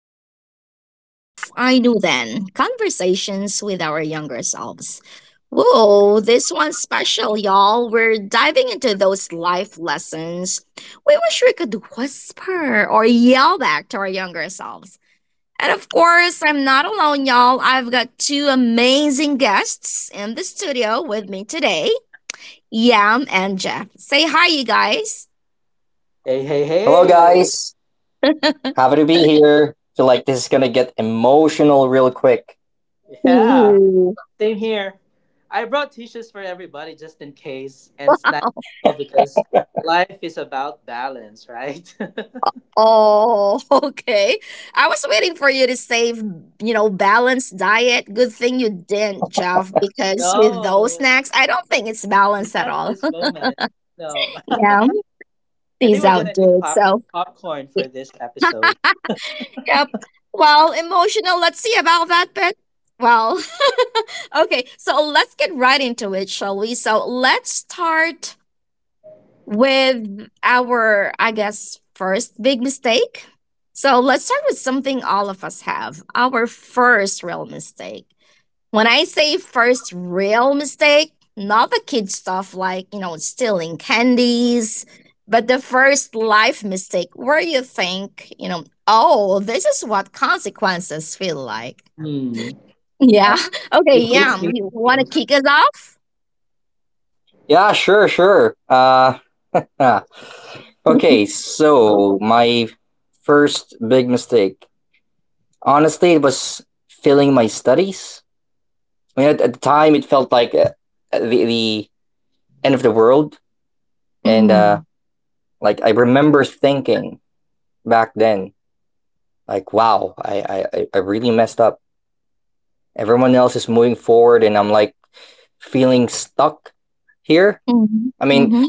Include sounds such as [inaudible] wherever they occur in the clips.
podcast about If I Knew Then Conversations with Our Younger Selves. Whoa, this one's special, y'all. We're diving into those life lessons we wish we could whisper or yell back to our younger selves. And of course, I'm not alone, y'all. I've got two amazing guests in the studio with me today, Yam and Jeff. Say hi, you guys. Hey, hey, Hello, hey! guys. Happy to be here. Feel like this is gonna get emotional real quick. Yeah, same here. I brought tissues for everybody just in case and snacks as well because life is about balance, right? Oh, [laughs] okay. I was waiting for you to save, balanced diet. Good thing you didn't, Jeff, [laughs] because with those No, snacks, I don't think it's balanced at not all. this [laughs] moment. No. Yeah, [laughs] I think peace we're out, gonna need dude. So, popcorn y- for this episode. yep. Well, emotional. Let's see about that, but well, [laughs] okay. So let's get right into it, shall we? So let's start with our, I guess, first big mistake. So let's start with something all of us have, our first real mistake. When I say first real mistake, not the kid stuff like, stealing candies, but the first life mistake where you think, oh, this is what consequences feel like. Hmm. Yeah. That, [laughs] Okay, it makes Yam, me you want to think. kick us off? Yeah, sure, sure. Ah. Okay. So my first big mistake. Honestly, it was failing my studies. I mean, at the time, it felt like the end of the world, and Mm-hmm. Like I remember thinking back then, like, wow, I really messed up. Everyone else is moving forward, and I'm like feeling stuck here. I mean, Mm-hmm.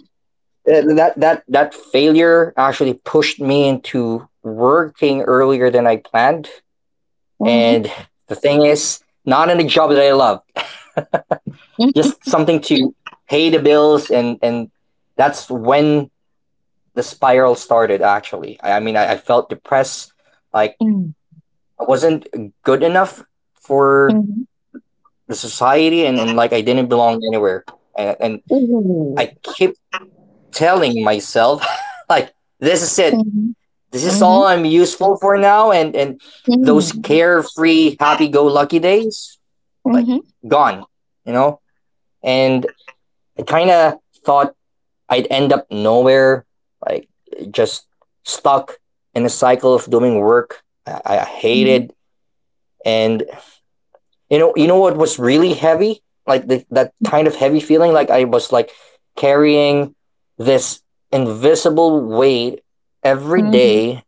that failure actually pushed me into working earlier than I planned. Mm-hmm. And the thing is, not in a job that I love, [laughs] just something to pay the bills, and that's when the spiral started. Actually, I felt depressed, like Mm-hmm. I wasn't good enough for the society, and, like I didn't belong anywhere, and Mhm. I keep telling myself [laughs] like this is it, Mhm. this is all Mhm. I'm useful for now. And those Mhm. carefree happy-go-lucky days, like, Mhm. gone, you know. And I kind of thought I'd end up nowhere, like, just stuck in a cycle of doing work I Mhm. hated. And you know what was really heavy? Like the, that kind of heavy feeling. Like I was like carrying this invisible weight every Mhm. day.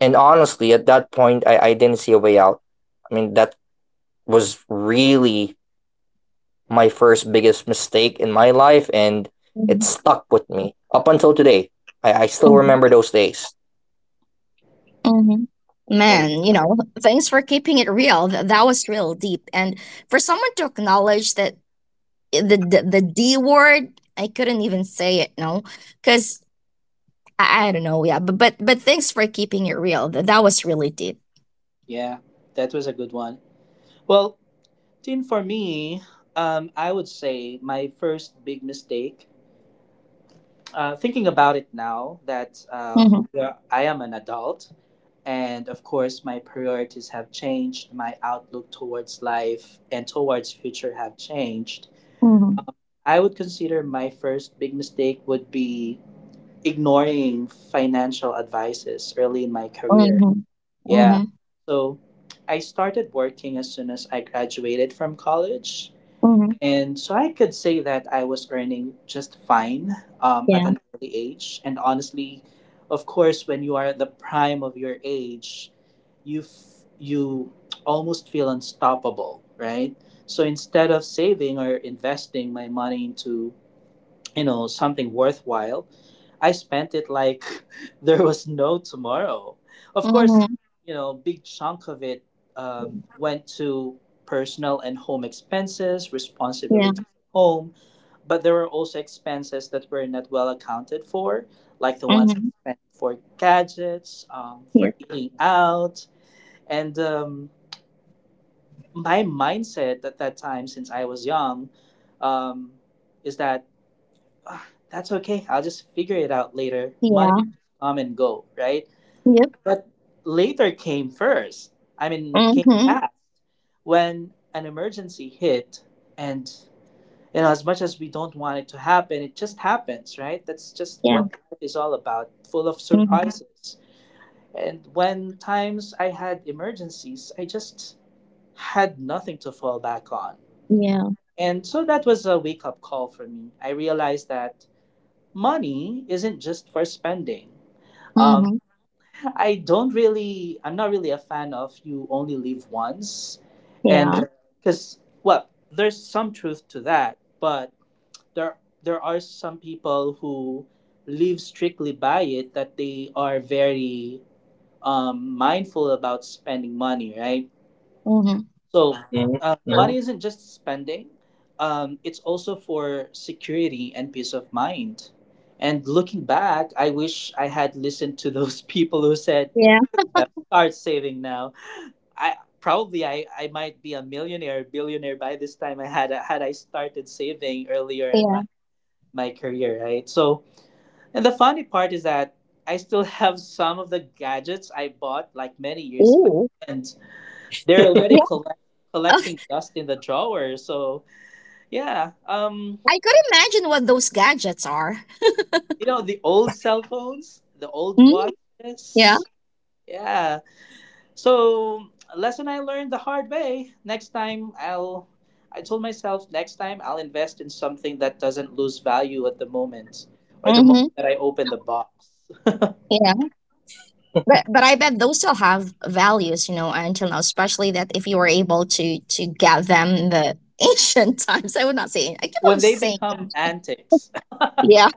And honestly, at that point, I didn't see a way out. I mean, that was really my first biggest mistake in my life. And it Mhm. stuck with me up until today. I still Mhm. remember those days. Mhm. Oh, Man, thanks for keeping it real. That was real deep. And for someone to acknowledge that the D word, I couldn't even say it, no, because I don't know, yeah. But thanks for keeping it real. That was really deep. yeah, that was a good one. Well, Tin, for me, I would say my first big mistake. Thinking about it now that Mm-hmm. yeah, I am an adult, and of course, my priorities have changed, my outlook towards life and towards future have changed. Mm-hmm. I would consider my first big mistake would be ignoring financial advices early in my career. Mm-hmm. Yeah. Mm-hmm. So I started working as soon as I graduated from college, Mm-hmm. and so I could say that I was earning just fine, at Yeah. an early age. And honestly, of course, when you are at the prime of your age, you almost feel unstoppable, right? So instead of saving or investing my money into, you know, something worthwhile, I spent it like [laughs] there was no tomorrow. Of course, Mm-hmm. you know, big chunk of it went to personal and home expenses, Yeah. responsibilities at home, but there were also expenses that were not well accounted for, like the ones I Mm-hmm. spent for gadgets, Yeah. for eating out. And my mindset at that time, since I was young, um, is that, "Ah, that's okay. I'll just figure it out later. Money Yeah. will just come and go, right?" Yep. But later came first. I mean, came Mm-hmm. fast when an emergency hit, and you know, as much as we don't want it to happen, it just happens, right? That's just Yeah. what life is all about, full of Mhm. surprises. And when times I had emergencies, I just had nothing to fall back on. Yeah. And so that was a wake up call for me. I realized that money isn't just for spending. Um, Mhm. I don't really, I'm not really a fan of you only live once. Yeah. And because, well, there's some truth to that, but there are some people who live strictly by it that they are very mindful about spending money, right? Mhm. So Mm-hmm. Money Mm-hmm. isn't just spending; it's also for security and peace of mind. And looking back, I wish I had listened to those [laughs] people who said, Yeah. uh, "Start saving now." I probably, I might be a millionaire, billionaire by this time. I had I started saving earlier in Yeah. My career, right? So, and the funny part is that I still [laughs] have some of the gadgets I bought like many years back, Ooh. and they're Yeah. [laughs] Ugh, collecting dust in the drawer. So yeah, I could imagine what those gadgets are. you know, the old cell phones, the old Mm, yeah. watches. Yeah. So a lesson I learned the hard way. Next time I'll. I told myself next time I'll invest in something that doesn't lose value at the moment or the moment Mhm. that I open the box. Yeah. But I bet those still have values, until now, especially that if you were able to get them in the [laughs] ancient times. I would not say, I keep on When they saying. become antics, Yeah.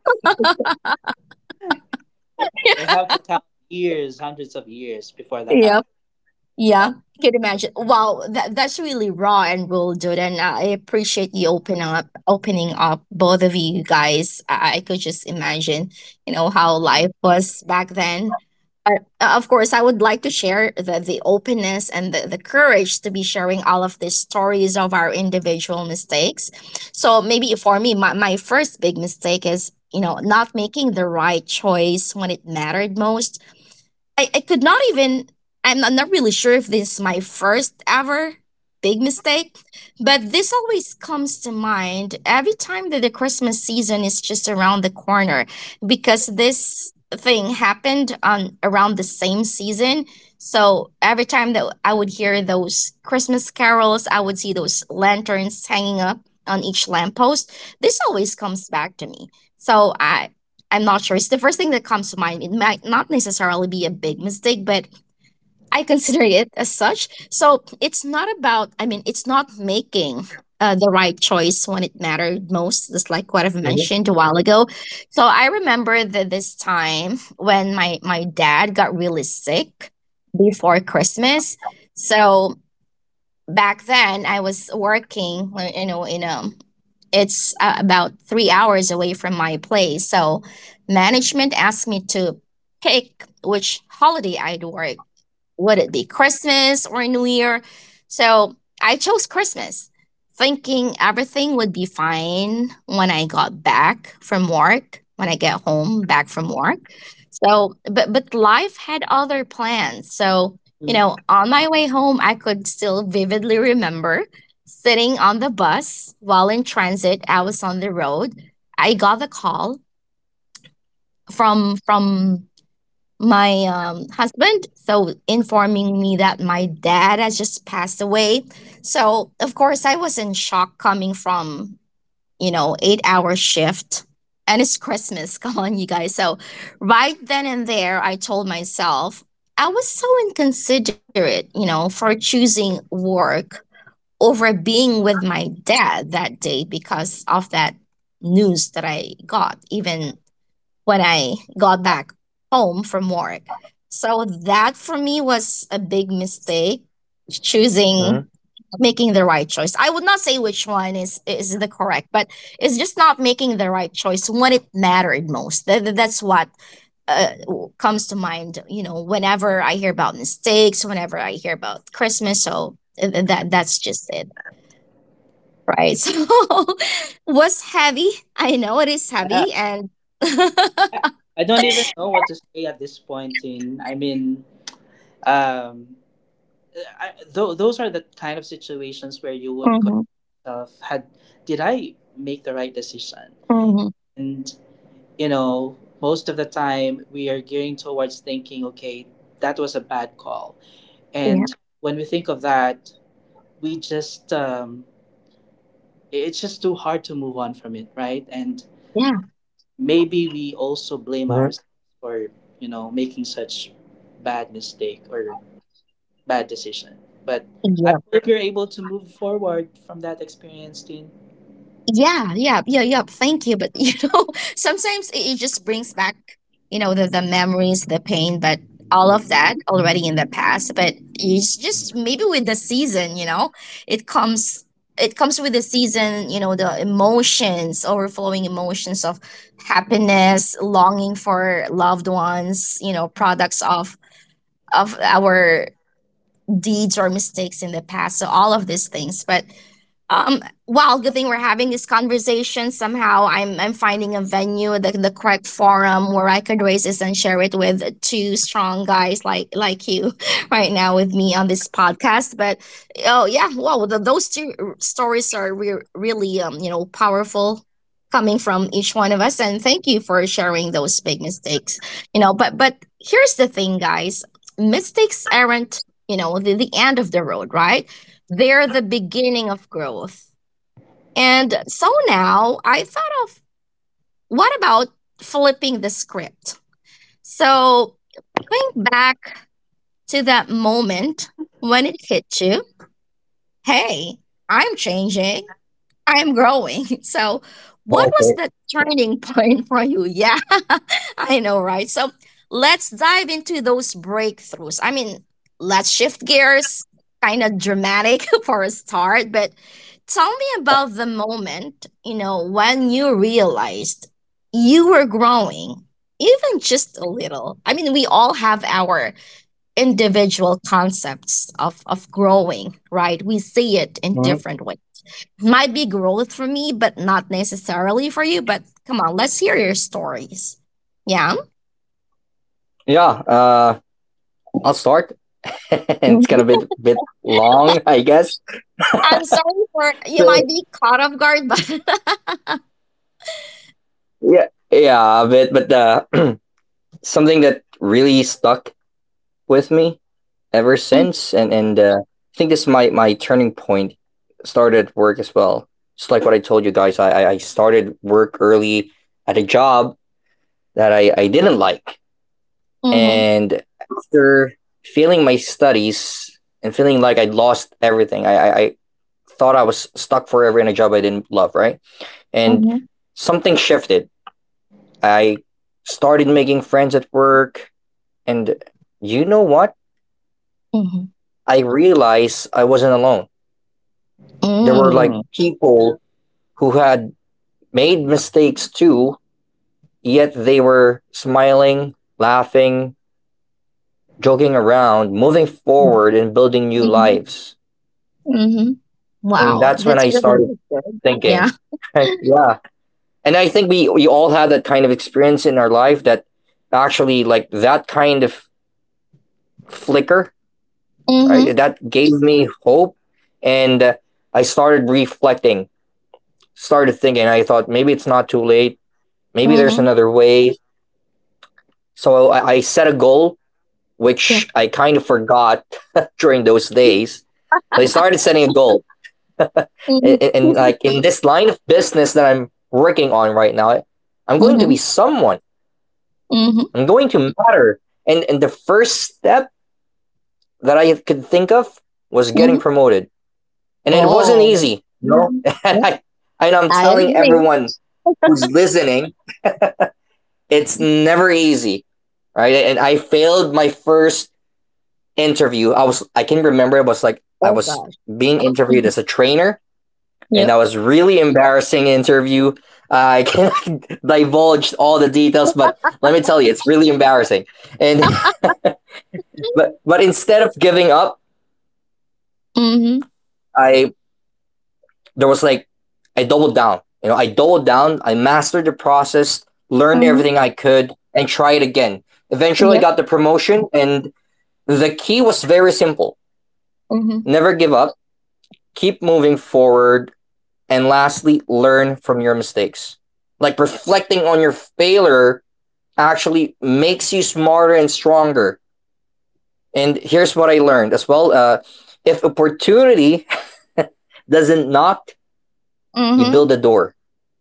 [laughs] I have to count years, hundreds of years before that Yeah. happens. Yeah, Yeah. can imagine. Wow, that's really raw and real, dude. And I appreciate you opening up, both of you guys. I could just imagine, how life was back then. Of course, I would like to share the openness and the courage to be sharing all of these stories of our individual mistakes. So maybe for me, my first big mistake is, not making the right choice when it mattered most. I, I could not even I'm not really sure if this is my first ever big mistake, but this always comes to mind every time that the Christmas season is just around the corner, because this thing happened on around the same season. So every time that I would hear those Christmas carols, I would see those lanterns hanging up on each lamppost. This always comes back to me. So I'm not sure. It's the first thing that comes to mind. It might not necessarily be a big mistake, but I consider it as such. So it's not about, I mean, it's not making the right choice when it mattered most, just like what I've mentioned a while ago. So I remember that this time when my dad got really sick before Christmas. So back then I was working, in a it's about 3 hours away from my place. So management asked me to pick which holiday I'd work. Would it be Christmas or New Year? So I chose Christmas, thinking everything would be fine when I got back from work, when I get home back from work. So, but life had other plans. So, Mm. On my way home, I could still vividly remember, sitting on the bus while in transit, I was on the road. I got the call from my husband, so informing me that my dad has just passed away. So of course, I was in shock coming from, 8-hour shift, and it's Christmas. [laughs] Come on, you guys. So right then and there, I told myself I was so inconsiderate, for choosing work over being with my dad that day because of that news that I got, even when I got back home from work. So that for me was a big mistake, choosing Mm-hmm. making the right choice. I would not say which one is the correct, but it's just not making the right choice when it mattered most. That's what uh, comes to mind, whenever I hear about mistakes, whenever I hear about Christmas. So that's just it, right? [laughs] So was heavy. I know it is Yeah. heavy, and [laughs] I I don't even know what to say at this point. In I mean um those are the kind of situations where you would question hmm. yourself. Had Did I make the right decision? Hmm. And you know, most of the time we are gearing towards thinking, okay, that was a bad call. Yeah, And when we think of that, we just it's just too hard to move on from it, right? And yeah. maybe we also blame Mm-hmm. ourselves for, you know, making such bad mistake or bad decision. But I hope you're able to move forward from that experience to Yeah, yeah, yeah, yeah. Thank you. But [laughs] sometimes it just brings back, the memories, the pain, but all of that already in the past. But it's just maybe with the season, it comes it comes with the season, the emotions, overflowing emotions of happiness, longing for loved ones, products of our deeds or mistakes in the past. So all of these things. But um wow, good thing we're having this conversation. Somehow I'm finding a venue, the correct forum where I could raise this and share it with two strong guys like you [laughs] right now with me on this podcast. But oh yeah, wow, th those two stories are really powerful, coming from each one of us, and thank you for sharing those big mistakes. But here's the thing, guys: mistakes aren't, the end of the road, right? They're the beginning of growth. And so now I thought of, what about flipping the script? So think back to that moment when it hit you, hey, I'm changing. I'm growing. [laughs] So, what was Okay. the turning [laughs] point for you? Yeah, [laughs] I know, right? So, let's dive into those breakthroughs. I mean, let's shift gears, kind of dramatic [laughs] for a start, but tell me about the moment, when you realized you were growing, even just a little. I mean, we all have our individual concepts of growing, right? We see it in Mm-hmm. different ways. Might be growth for me, but not necessarily for you. But come on, let's hear your stories. Yeah. Yeah. I'll start. [laughs] Mhm. It's kind of be a bit long, I guess. I'm sorry, for you might So be caught off guard, but [laughs] yeah, yeah, a bit. But [clears throat] something that really stuck with me ever since, and I think this my my turning point started at work as well. Just like what I told you guys, I started work early at a job that I didn't like, mm, and after failing my studies and feeling like I lost everything, I thought I was stuck forever in a job I didn't love, right? And mhm, something shifted. I started making friends at work, and you know what? mhm, mhm. I realized I wasn't alone. There were like Mm, people who had made mistakes too, yet they were smiling, laughing, joking around, moving mm, forward, and building new mhm, lives. mhm. And Wow, that's when that's I really started good. Good. thinking, Yeah. [laughs] right? Yeah. And I think we all have that kind of experience in our life that actually, like, that kind of flicker, right? Mm-hmm. And that gave me hope. And I started reflecting, started thinking. I thought maybe it's not too late. Maybe there's Mm-hmm. another way. So I set a goal, Yeah. which I kind of forgot [laughs] during those days. So I started setting a goal. [laughs] Mm-hmm. and like in this line of business that I'm working on right now, I'm going to be Mm-hmm. someone. Mm-hmm. I'm going to matter. And the first step that I could think of was getting Mm-hmm. promoted. And it wasn't Oh. easy. No. Mm-hmm. [laughs] And Yep. I, and I'm I telling agree. everyone who's listening, it's never easy, right? And I failed my first interview. I was, I can remember it was like I Oh was gosh. being interviewed Mm-hmm. as a trainer, and Yep. that was really embarrassing interview. I can't [laughs] divulge all the details, but let me tell you, it's really embarrassing. And [laughs] but instead of giving up, Mm-hmm. I there was like I doubled down. You know, I doubled down. I mastered the process, learned Mm-hmm. everything I could, and tried again. Eventually, I Yep. got the promotion, and the key was very simple: Mm-hmm. never give up, keep moving forward, and lastly, learn from your mistakes. Like Yeah, reflecting on your failure actually makes you smarter and stronger. And here's what I learned as well: if opportunity [laughs] doesn't knock, you Mm-hmm. build a door,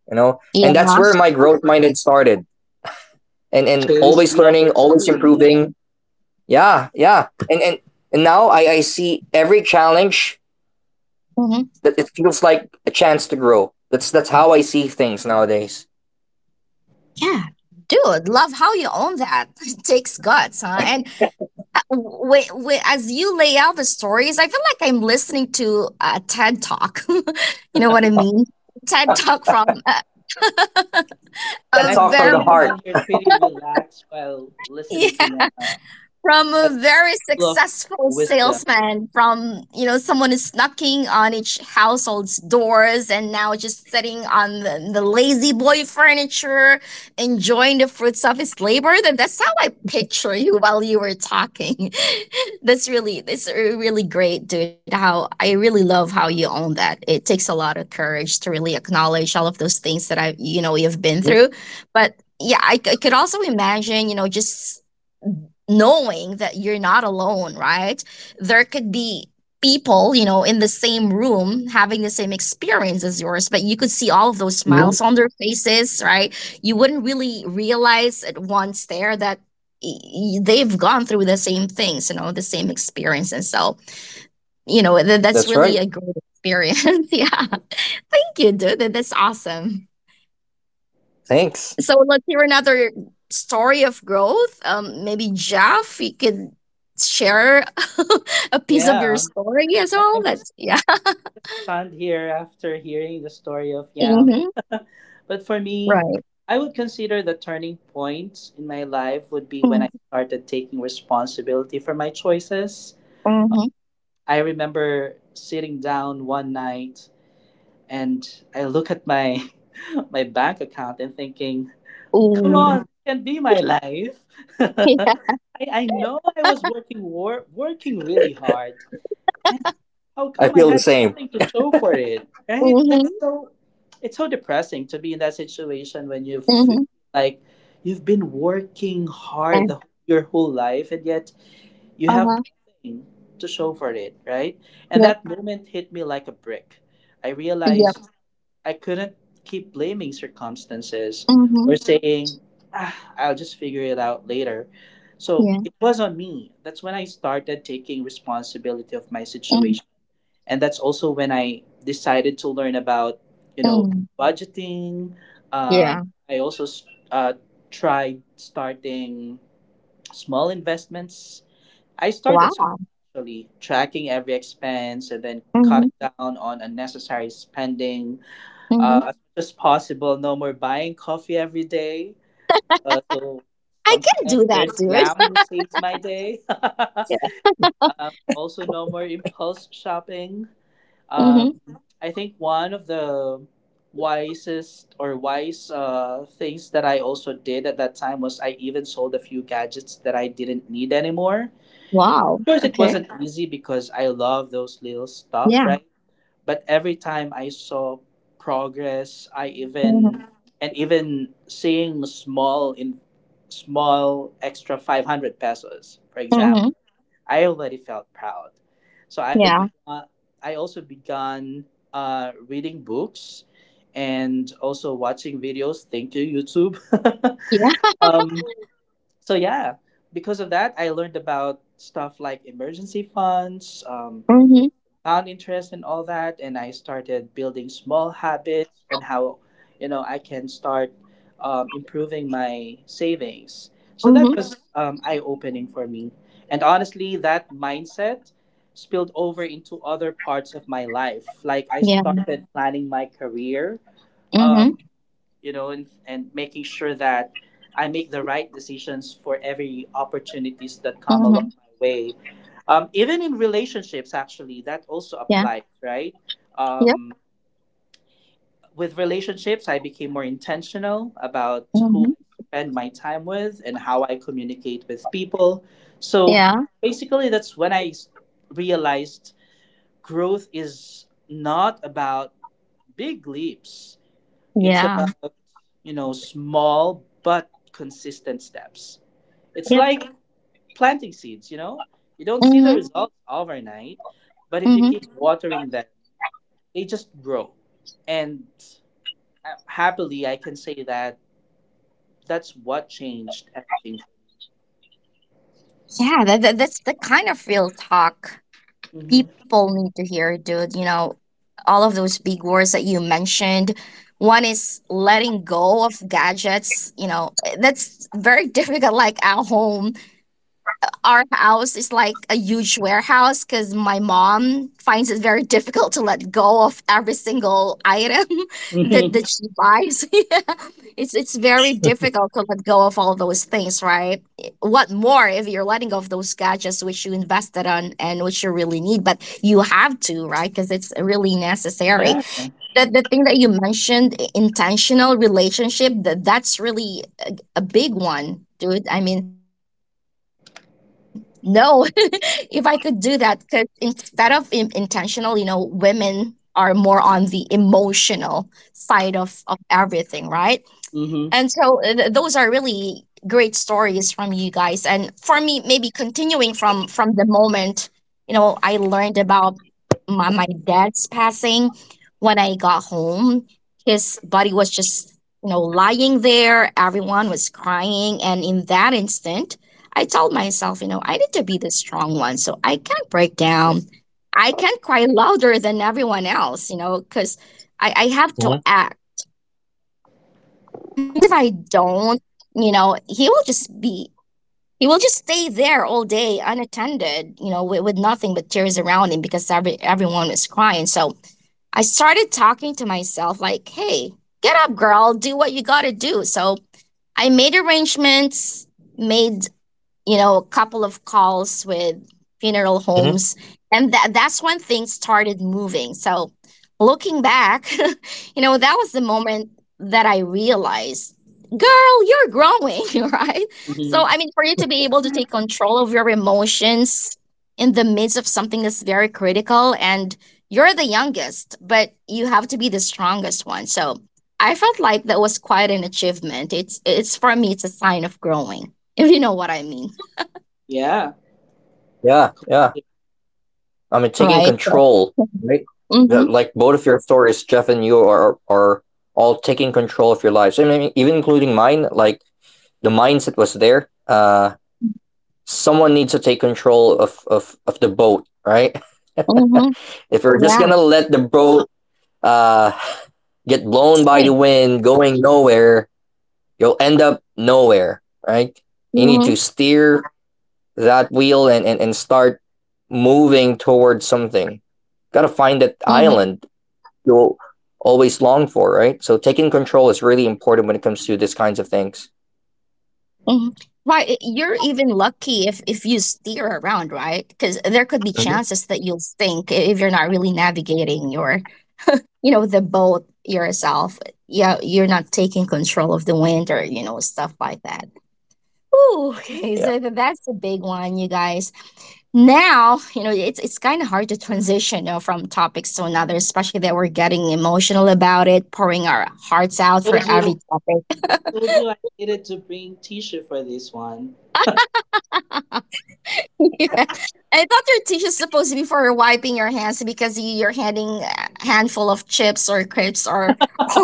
you know. And that's Yeah. where my growth minded started, and chase always the learning, always opportunity. Yeah. improving. Yeah, yeah, and and now I see every challenge Hmm. that it feels like a chance to grow. That's how I see things nowadays. Yeah. Dude, love how you own that. [laughs] It takes guts, huh? And as you lay out the stories, I feel like I'm listening to a TED Talk. [laughs] You know what I mean? TED Talk from a, That I'm a talk from the sitting very heart. down here pretty relaxed while listening to [laughs] you. from a That's very full of successful wisdom. salesman, from someone who's knocking on each household's doors, and now just sitting on the lazy boy furniture, enjoying the fruits of his labor. Then that's how I picture you while you were talking. [laughs] That's a really great, dude. How I really love how you own that. It takes a lot of courage to really acknowledge all of those things that I you know you've been Mm-hmm. through. But yeah, I could also imagine, just knowing that you're not alone, right? There could be people, in the same room having the same experience as yours, but you could see all of those Mm-hmm. smiles on their faces, right? You wouldn't really realize at one stare that they've gone through the same things, the same experience. And so, that's That's really right. a great experience. [laughs] Yeah. Thank you, dude. That's awesome. Thanks. So let's hear another story of growth. Maybe Jeff, you could share [laughs] a piece of your Yeah. story as well. I just That's, yeah. [laughs] stand here after hearing the story of Yam. Mm-hmm. [laughs] But for me, Right. I would consider the turning point in my life would be Mm-hmm. when I started taking responsibility for my choices. Mm-hmm. I remember sitting down one night and I look at my [laughs] my bank account and thinking, come Ooh. on, this can be my life. [laughs] [laughs] Yeah. I know I was working working really hard, and how I come I feel the had same. nothing to show for it? Right? Mm-hmm. That's so. It's so depressing to be in that situation when you feel Mm-hmm. like you've been working hard your whole life, and yet you Uh have huh. nothing to show for it. Right? And Yep. that moment hit me like a brick. I Yep. realized I couldn't keep blaming circumstances Mm-hmm. or saying, ah, I'll just figure it out later. So Yeah. it was on me. That's when I started taking responsibility of my situation. And that's also when I decided to learn about, you know, Mm-hmm. budgeting. Um, Yeah. I also uh, tried starting small investments. I started small, Wow. actually, tracking every expense and then Mm-hmm. cutting down on unnecessary spending Mm-hmm. As much as possible. No more buying coffee every day. So I can sometimes do that, there's dude. Yam who saves my day. [laughs] [laughs] Yeah. Also, no more impulse shopping. Um, Mm-hmm. I think one of the wisest or wise things that I also did at that time was I even sold a few gadgets that I didn't need anymore. Of Wow. course, it Okay. wasn't easy because I love those little stuff, Yeah. right? But every time I saw progress, I Mm-hmm. even and even seeing small extra 500 pesos, for Mm-hmm. example, I already felt proud. So I Yeah. began, I also began reading books and also watching videos. Thank you, YouTube. [laughs] Yeah. um, so yeah, because of that, I learned about stuff like emergency funds, Mm-hmm. found interest in all that, and I started building small habits on how, you know, I can start improving my savings. So Mm-hmm. that was eye-opening for me. And honestly, that mindset spilled over into other parts of my life. Like I Yeah. started planning my career, uh, Mm-hmm. you know, and making sure that I make the right decisions for every opportunities that come along Mhm. my way. Even in relationships, actually, that also Yeah. applies, right? Yep. Um, with relationships, I became more intentional about who I Mhm. spend my time with and how I communicate with people. So Yeah. basically, that's when realized growth is not about big leaps, it's Yeah. about, you know, small but consistent steps. It's Yep. like planting seeds, you know? You don't see the Mhm. results overnight, but if you Mhm. keep watering them, they just grow. And happily, I can say that that's what changed everything Yeah. That's the kind of real talk for me. people need to hear, dude. All of those big words that you mentioned. One is letting go of gadgets. That's very [laughs] difficult. Like at home, our house is like a huge warehouse because my mom finds it very difficult to let go of every single item [laughs] that, Hmm. that she buys. [laughs] Yeah. It's very difficult to let go of all those things, right? What more if you're letting go of those gadgets which you invested on and which you really need, but you have to, right? Because it's really [laughs] necessary Yeah. that the thing that you mentioned intentional relationship, that's really a big one, dude. I mean, I don't even know [laughs] if I could do that, because instead of intentional, you know, women are more on the emotional side of everything, right? Hmm. And so, those are really great stories from you guys. And for me, maybe continuing from the moment I learned about my dad's passing. When I got home, his body was just lying there. Everyone was crying, and in that instant, I told myself, I need to be the strong one, so I can't break down. I can't cry louder than everyone else, because I have to Hmm. act, [laughs] because if I don't, he will just stay there all day unattended, with nothing but tears around him, because everyone was crying. So I started talking to myself like, "Hey, get up, girl, do what you got to do." So I made arrangements, made, a couple of calls with funeral Hmm. homes. And that's when things started moving. So looking back, [laughs] that was the moment that I realized, girl, you're growing, [laughs] right? Hmm. So I mean, for you to be able to take control of your emotions in the midst of something that's very critical, and you're the youngest, but you have to be the strongest one. So I felt like that was quite an achievement. It's for me, it's a sign of growing, if you know what I mean. Yeah. Yeah, yeah, I mean taking Right? control, right? That- Mm-hmm. like both of your stories, Jeff and you, are all taking control of your lives. I mean, even including mine, like the mindset was there. Someone needs to take control of of the boat, right? [laughs] Mm-hmm. If you're just Yeah. gonna let the boat uh, get blown by the Same. wind, going nowhere, you'll end up nowhere, right? You need Mm-hmm. to steer that wheel, and start moving towards something. Gotta find that Mm-hmm. island you'll always long for, right? So taking control is really important when it comes to these kinds of things. Mm-hmm. Right. You're even lucky if you steer around, right? Because there could be Mhm. chances that you'll sink if you're not really navigating the boat yourself. Yeah, you're not taking control of the wind or, stuff like that. Ooh, [laughs] okay. Yeah. So that's a big one, you guys. Now, it's kind of hard to transition, from topics to another, especially that we're getting emotional about it, pouring our hearts out I for told you, every topic. I told you I needed to bring Tisha for this one. [laughs] Yeah. I thought your tissue is supposed to be for wiping your hands, because you're handing a handful of chips or crisps or [laughs] [laughs]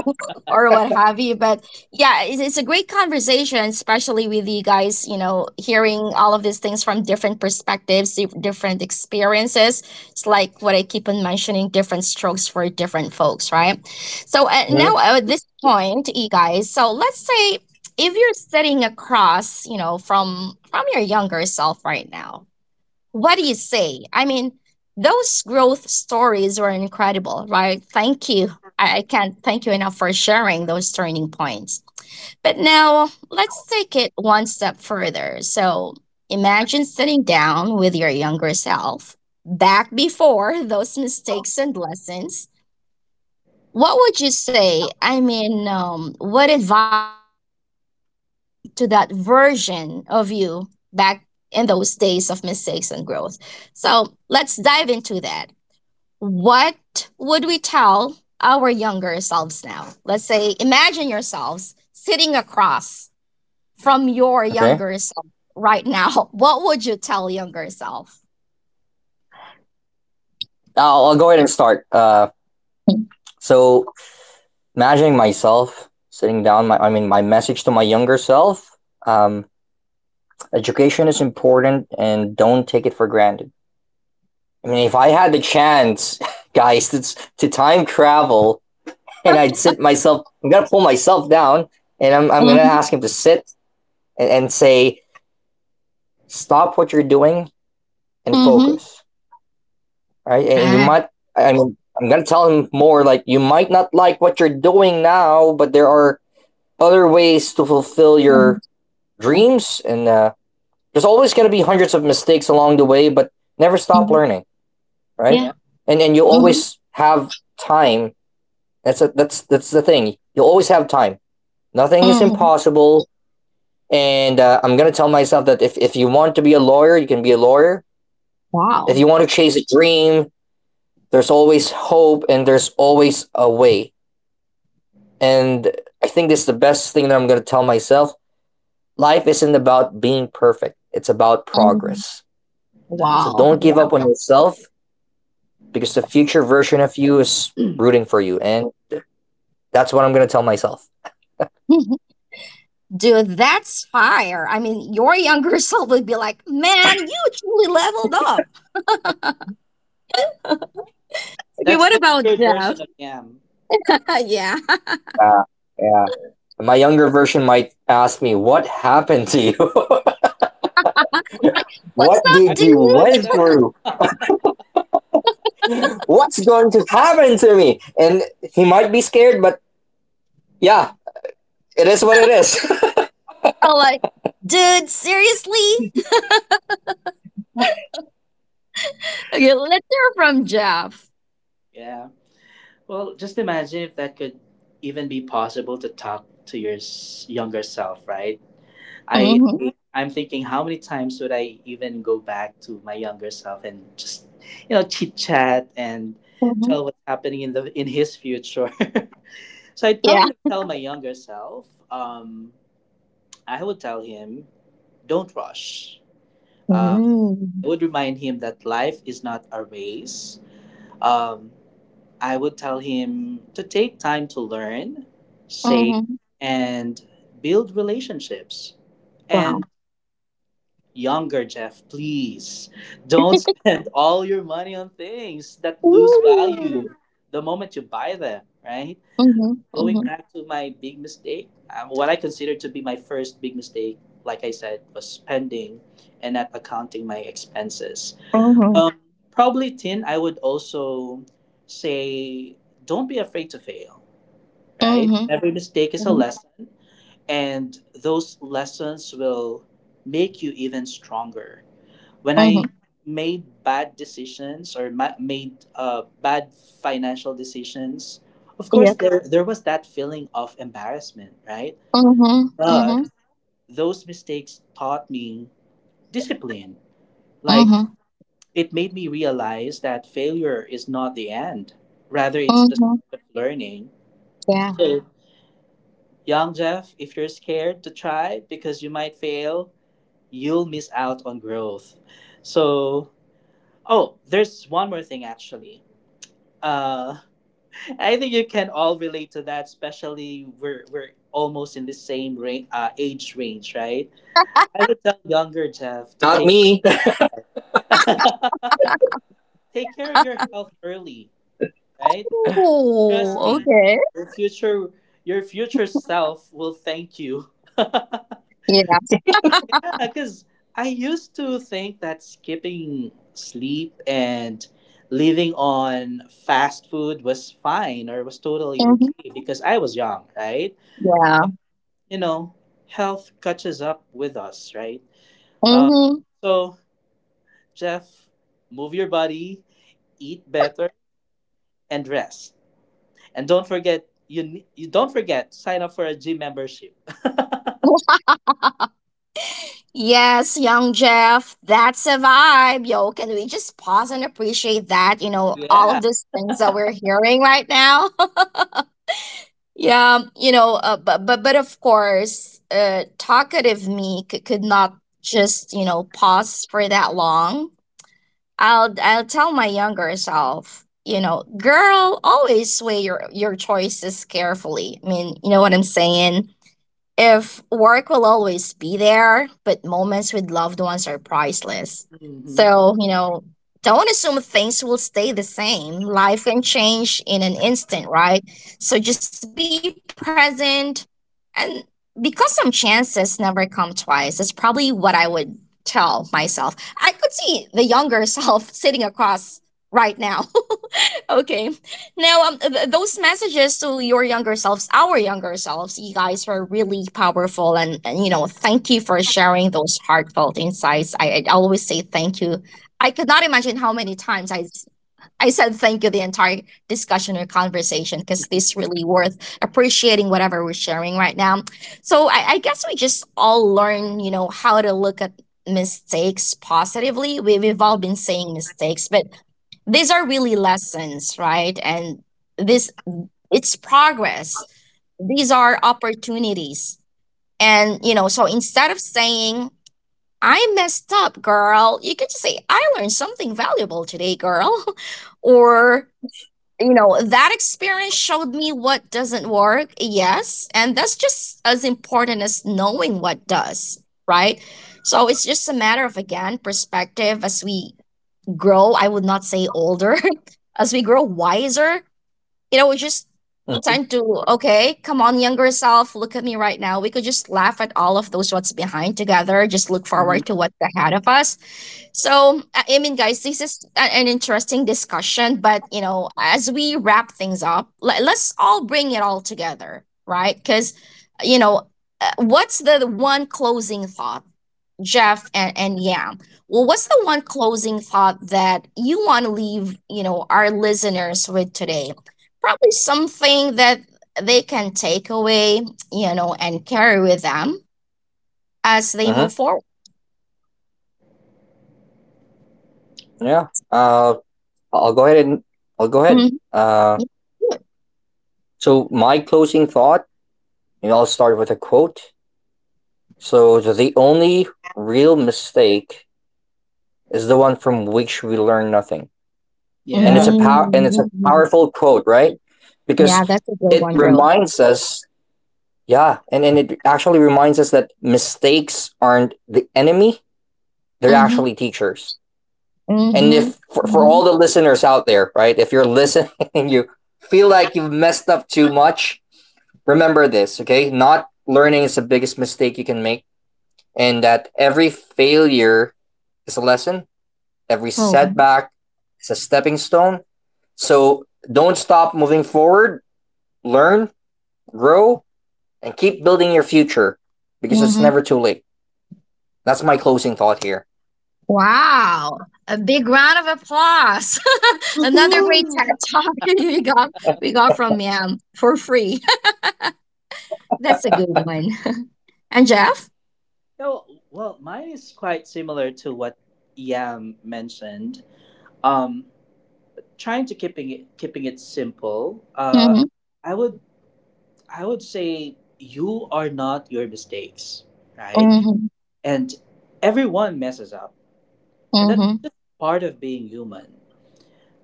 or what have you. But yeah, it's a great conversation, especially with you guys, hearing all of these things from different perspectives, different experiences. It's like what I keep on mentioning: different strokes for different folks, right? So, now Mhm. at this point, you guys, so let's say, if you're sitting across, from your younger self right now, what do you say? I mean, those growth stories were incredible, right? Thank you. I can't thank you enough for sharing those turning points. But now let's take it one step further. So imagine sitting down with your younger self, back before those mistakes and lessons, what would you say? I mean, what advice would you give to that version of you back in those days of mistakes and growth? So let's dive into that. What would we tell our younger selves now? Let's say, imagine yourselves sitting across from your Okay. younger self right now. [laughs] What would you tell younger self? I'll go ahead and start. So imagining myself sitting down, my, I mean, my message to my younger self, um, education is important and don't take it for granted. I mean, if I had the chance, [laughs] guys, to time travel and I'd sit myself, I'm going to pull myself down and I'm going to Mm-hmm. ask him to sit and say, stop what you're doing and Mm-hmm. focus. Right. And you Right. might, I mean, I'm going to tell him more like, you might not like what you're doing now, but there are other ways to fulfill your Mm-hmm. dreams. And there's always going to be hundreds of mistakes along the way, but never stop learning, right? Yeah. Yeah. And you Mm-hmm. always have time. That's a, that's that's the thing, you'll always have time. Nothing is Mm-hmm. impossible. And I'm going to tell myself that if you want to be a lawyer, you can be a lawyer. If Wow. you want to chase a dream, there's always hope and there's always a way. And I think this is the best thing that I'm going to tell myself: life isn't about being perfect, it's about Um, progress. Nice. So wow. don't give Yeah. up on yourself, because the future version of you is rooting for you. And that's what I'm going to tell myself. [laughs] Dude, that's fire. I mean, your younger [laughs] self would be like, man, you truly leveled up. Okay, That's what the about third Jeff? version of Yam. [laughs] Yeah. [laughs] Yeah, yeah. My younger version might ask me, "What happened to you? [laughs] Like, what's What up, I did dude? you do went myself. through? What's going to happen to me?" And he might be scared, but yeah, it is what it is. Or like, dude, seriously? Okay, let's hear from Jeff. Yeah. Well, just imagine if that could even be possible to talk to your younger self, right? I Mm-hmm. I'm thinking how many times would I even go back to my younger self and just, you know, chit chat and Hmm. tell what's happening in the in his future. [laughs] So I'd Yeah. probably tell my younger self. I would tell him, don't rush. Um, I Mm-hmm. would remind him that life is not a race. Um, I would tell him to take time to learn, save, Mm-hmm. and build relationships. And Wow. younger Jeff, please don't [laughs] spend [laughs] all your money on things that lose value Ooh. the moment you buy them, right? Mm-hmm. Going Mm-hmm. back to my big mistake, what I consider to be my first big mistake, like I said, was spending and not accounting my expenses. Mm-hmm. Um, Probably Tin, I would also say don't be afraid to fail, right? Mm-hmm. Every mistake is a Mm-hmm. lesson, and those lessons will make you even stronger. When I Mm-hmm. made bad decisions made bad financial decisions, of course, Yeah. There was that feeling of embarrassment, right? Mm-hmm. Mm-hmm. But those mistakes taught me discipline. Like, Mm-hmm. it made me realize that failure is not the end. Rather, it's the Mm-hmm. start of learning. Yeah. So, young Jeff, if you're scared to try because you might fail, you'll miss out on growth. So, oh, there's one more thing actually. Uh, [laughs] I think you can all relate to that, especially we're almost in the same age range, right? I would tell younger Jeff [laughs] to Not take me. [laughs] Take care of your health early, right? Trust Oh, me, okay. your future your future self will thank you. [laughs] Yeah, Yeah. because I used to think that skipping sleep and living on fast food was fine or was totally Hmm. okay because I was young, right? Yeah. You know, health catches up with us, right? Um, Hmm. so, Mm-hmm. Jeff, move your body, eat better, and rest. And don't forget, you don't forget, sign up for a gym membership. [laughs] [laughs] [laughs] I Yes, think we young all need to do Jeff, that. that's a vibe. Yo, can we just pause and appreciate that? You know, all of Yeah. those things that we're hearing right now. [laughs] Yeah, but of course, talkative me could not just, pause for that long. I'll tell my younger self, girl, always weigh your choices carefully. I mean, you know what I'm saying? If work will always be there, but moments with loved ones are priceless. Mm-hmm. So, don't assume things will stay the same. Life can change in an instant, right? So just be present. And because some chances never come twice, that's probably what I would tell myself. I could see the younger [laughs] self sitting across right now. Okay. Now, those messages to your younger selves, our younger selves, you guys, were really powerful. And, thank you for sharing those heartfelt insights. I always say thank you. I could not imagine how many times I said thank you the entire discussion or conversation, because this really worth appreciating whatever we're sharing right now. So I guess we just all learn, how to look at mistakes positively. We've all been saying mistakes, but these are really lessons, right? And this, it's progress, these are opportunities. And, so instead of saying, "I messed up, girl," you could just say, "I learned something valuable today, girl." [laughs] Or, that experience showed me what doesn't work. Yes, and that's just as important as knowing what does, right? So it's just a matter of, again, perspective. As we grow, I would not say older, [laughs] as we grow wiser, we just Mm-hmm. time to, okay, come on, younger self, look at me right now. We could just laugh at all of those what's behind together, just look Hmm. forward to what's ahead of us. So, I mean, guys, this is an interesting discussion, but, as we wrap things up, let's all bring it all together, right? Because, you know, what's the one closing thought, Jeff and Yam? Well, what's the one closing thought that you want to leave, our listeners with today? Probably something that they can take away, and carry with them as they Mm-hmm. move forward. Yeah. I'll go ahead and I'll go ahead. Mhm. Uh, Yeah. so my closing thought, and I'll start with a quote. So the only real mistake is the one from which we learn nothing, and Yeah. It's a Mhm. powerful quote, right? Yeah, Because that's a good it one, bro. reminds us, yeah, and it actually reminds us that mistakes aren't the enemy; they're Mm-hmm. actually teachers. And Mm-hmm. if for, for Mm-hmm. all the listeners out there, right, if you're listening [laughs] and you feel like you've messed up too much, remember this, okay? Not learning is the biggest mistake you can make, and that every failure is a lesson, every Oh. setback is a stepping stone. So don't stop moving forward, learn, grow, and keep building your future because it's Mm-hmm. never too late. That's my closing thought here. Wow. A big round of applause. [laughs] Another great Woohoo! TED talk [laughs] we got from Yam for free. [laughs] That's a good one. And Jeff? No, well, mine is quite similar to what Yam mentioned. Um, Trying to keeping it simple. Mm-hmm. I would I would say you are not your mistakes, right? Mm-hmm. And everyone messes up, and that's Mm-hmm. just part of being human.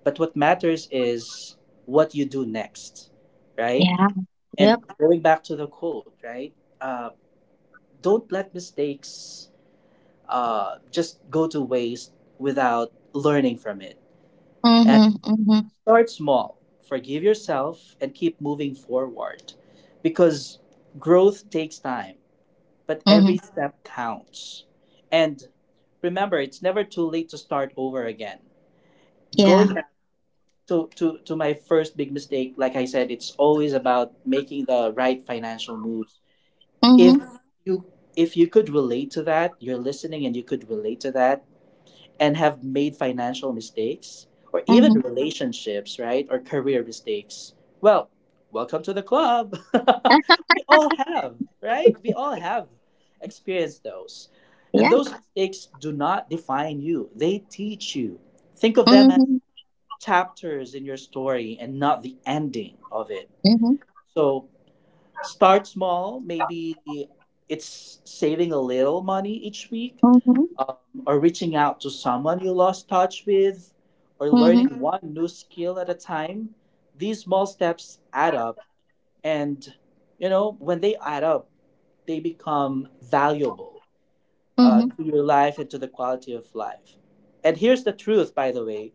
But what matters is what you do next, right? Yeah. And Yep. going back to the quote, right? Uh, don't let mistakes just go to waste without learning from it. And Mm-hmm. Mm-hmm. start small, forgive yourself, and keep moving forward. Because growth takes time, but Mm-hmm. every step counts. And remember, it's never too late to start over again. Going Yeah. back to my first big mistake, like I said, it's always about making the right financial moves. If Mm-hmm. you if you could relate to that, you're listening and you could relate to that, and have made financial mistakes or even Mm-hmm. relationships, right? Or career mistakes. Well, welcome to the club. [laughs] [laughs] We all have, right? We all have experienced those. And Yeah. those mistakes do not define you, they teach you. Think of them as Mm-hmm. chapters in your story and not the ending of it. Mm-hmm. So start small. Maybe it's saving a little money each week, Mm-hmm. um, or reaching out to someone you lost touch with, or Mm-hmm. learning one new skill at a time, these small steps add up. And, you know, when they add up, they become valuable, Mm-hmm. to your life and to the quality of life. And here's the truth, by the way,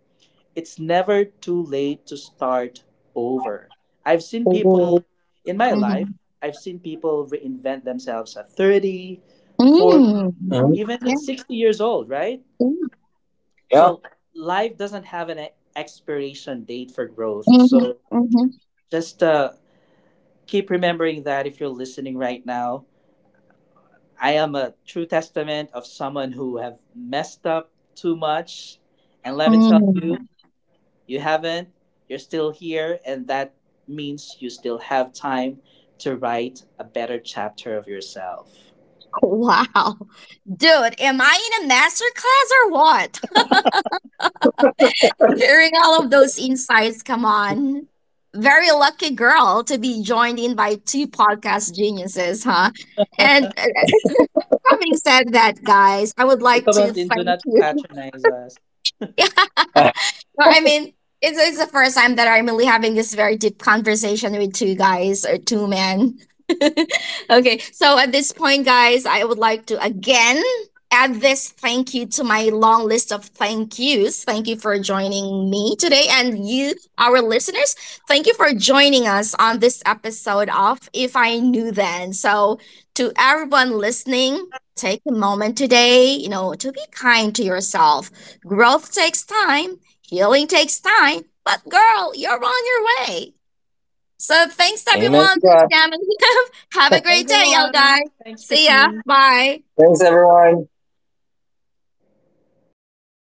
it's never too late to start over. I've seen people Oh. in my Mm-hmm. life, I've seen people reinvent themselves at 30, 40, Mm. or Mhm. even at Yeah. 60 years old, right? Yeah. Yeah. So life doesn't have an expiration date for growth. Mm-hmm. So Mm-hmm. just keep remembering that if you're listening right now, I am a true testament of someone who have messed up too much, and let me tell you, Mm. you haven't. You're still here, and that means you still have time to write a better chapter of yourself. Wow. Dude, am I in a masterclass or what? [laughs] Hearing all of those insights, come on. Very lucky girl to be joined in by two podcast geniuses, huh? [laughs] And, Come [laughs] having said that, guys, I would like to on, then do thank not you. patronize us. [laughs] No, I mean, it's the first time that I'm really having this very deep conversation with two guys or two men. [laughs] Okay, so at this point, guys, I would like to again add this thank you to my long list of thank yous. Thank you for joining me today, and you, our listeners, thank you for joining us on this episode of If I Knew Then. So, to everyone listening, take a moment today, to be kind to yourself. Growth takes time. Healing takes time, but girl, you're on your way. So thanks, Amen. everyone. Thanks, Yeah. Jam and [laughs] Liv. Have a great Thanks, day, y'all guys. everyone. Thanks, See ya. Christine. Bye. Thanks, everyone.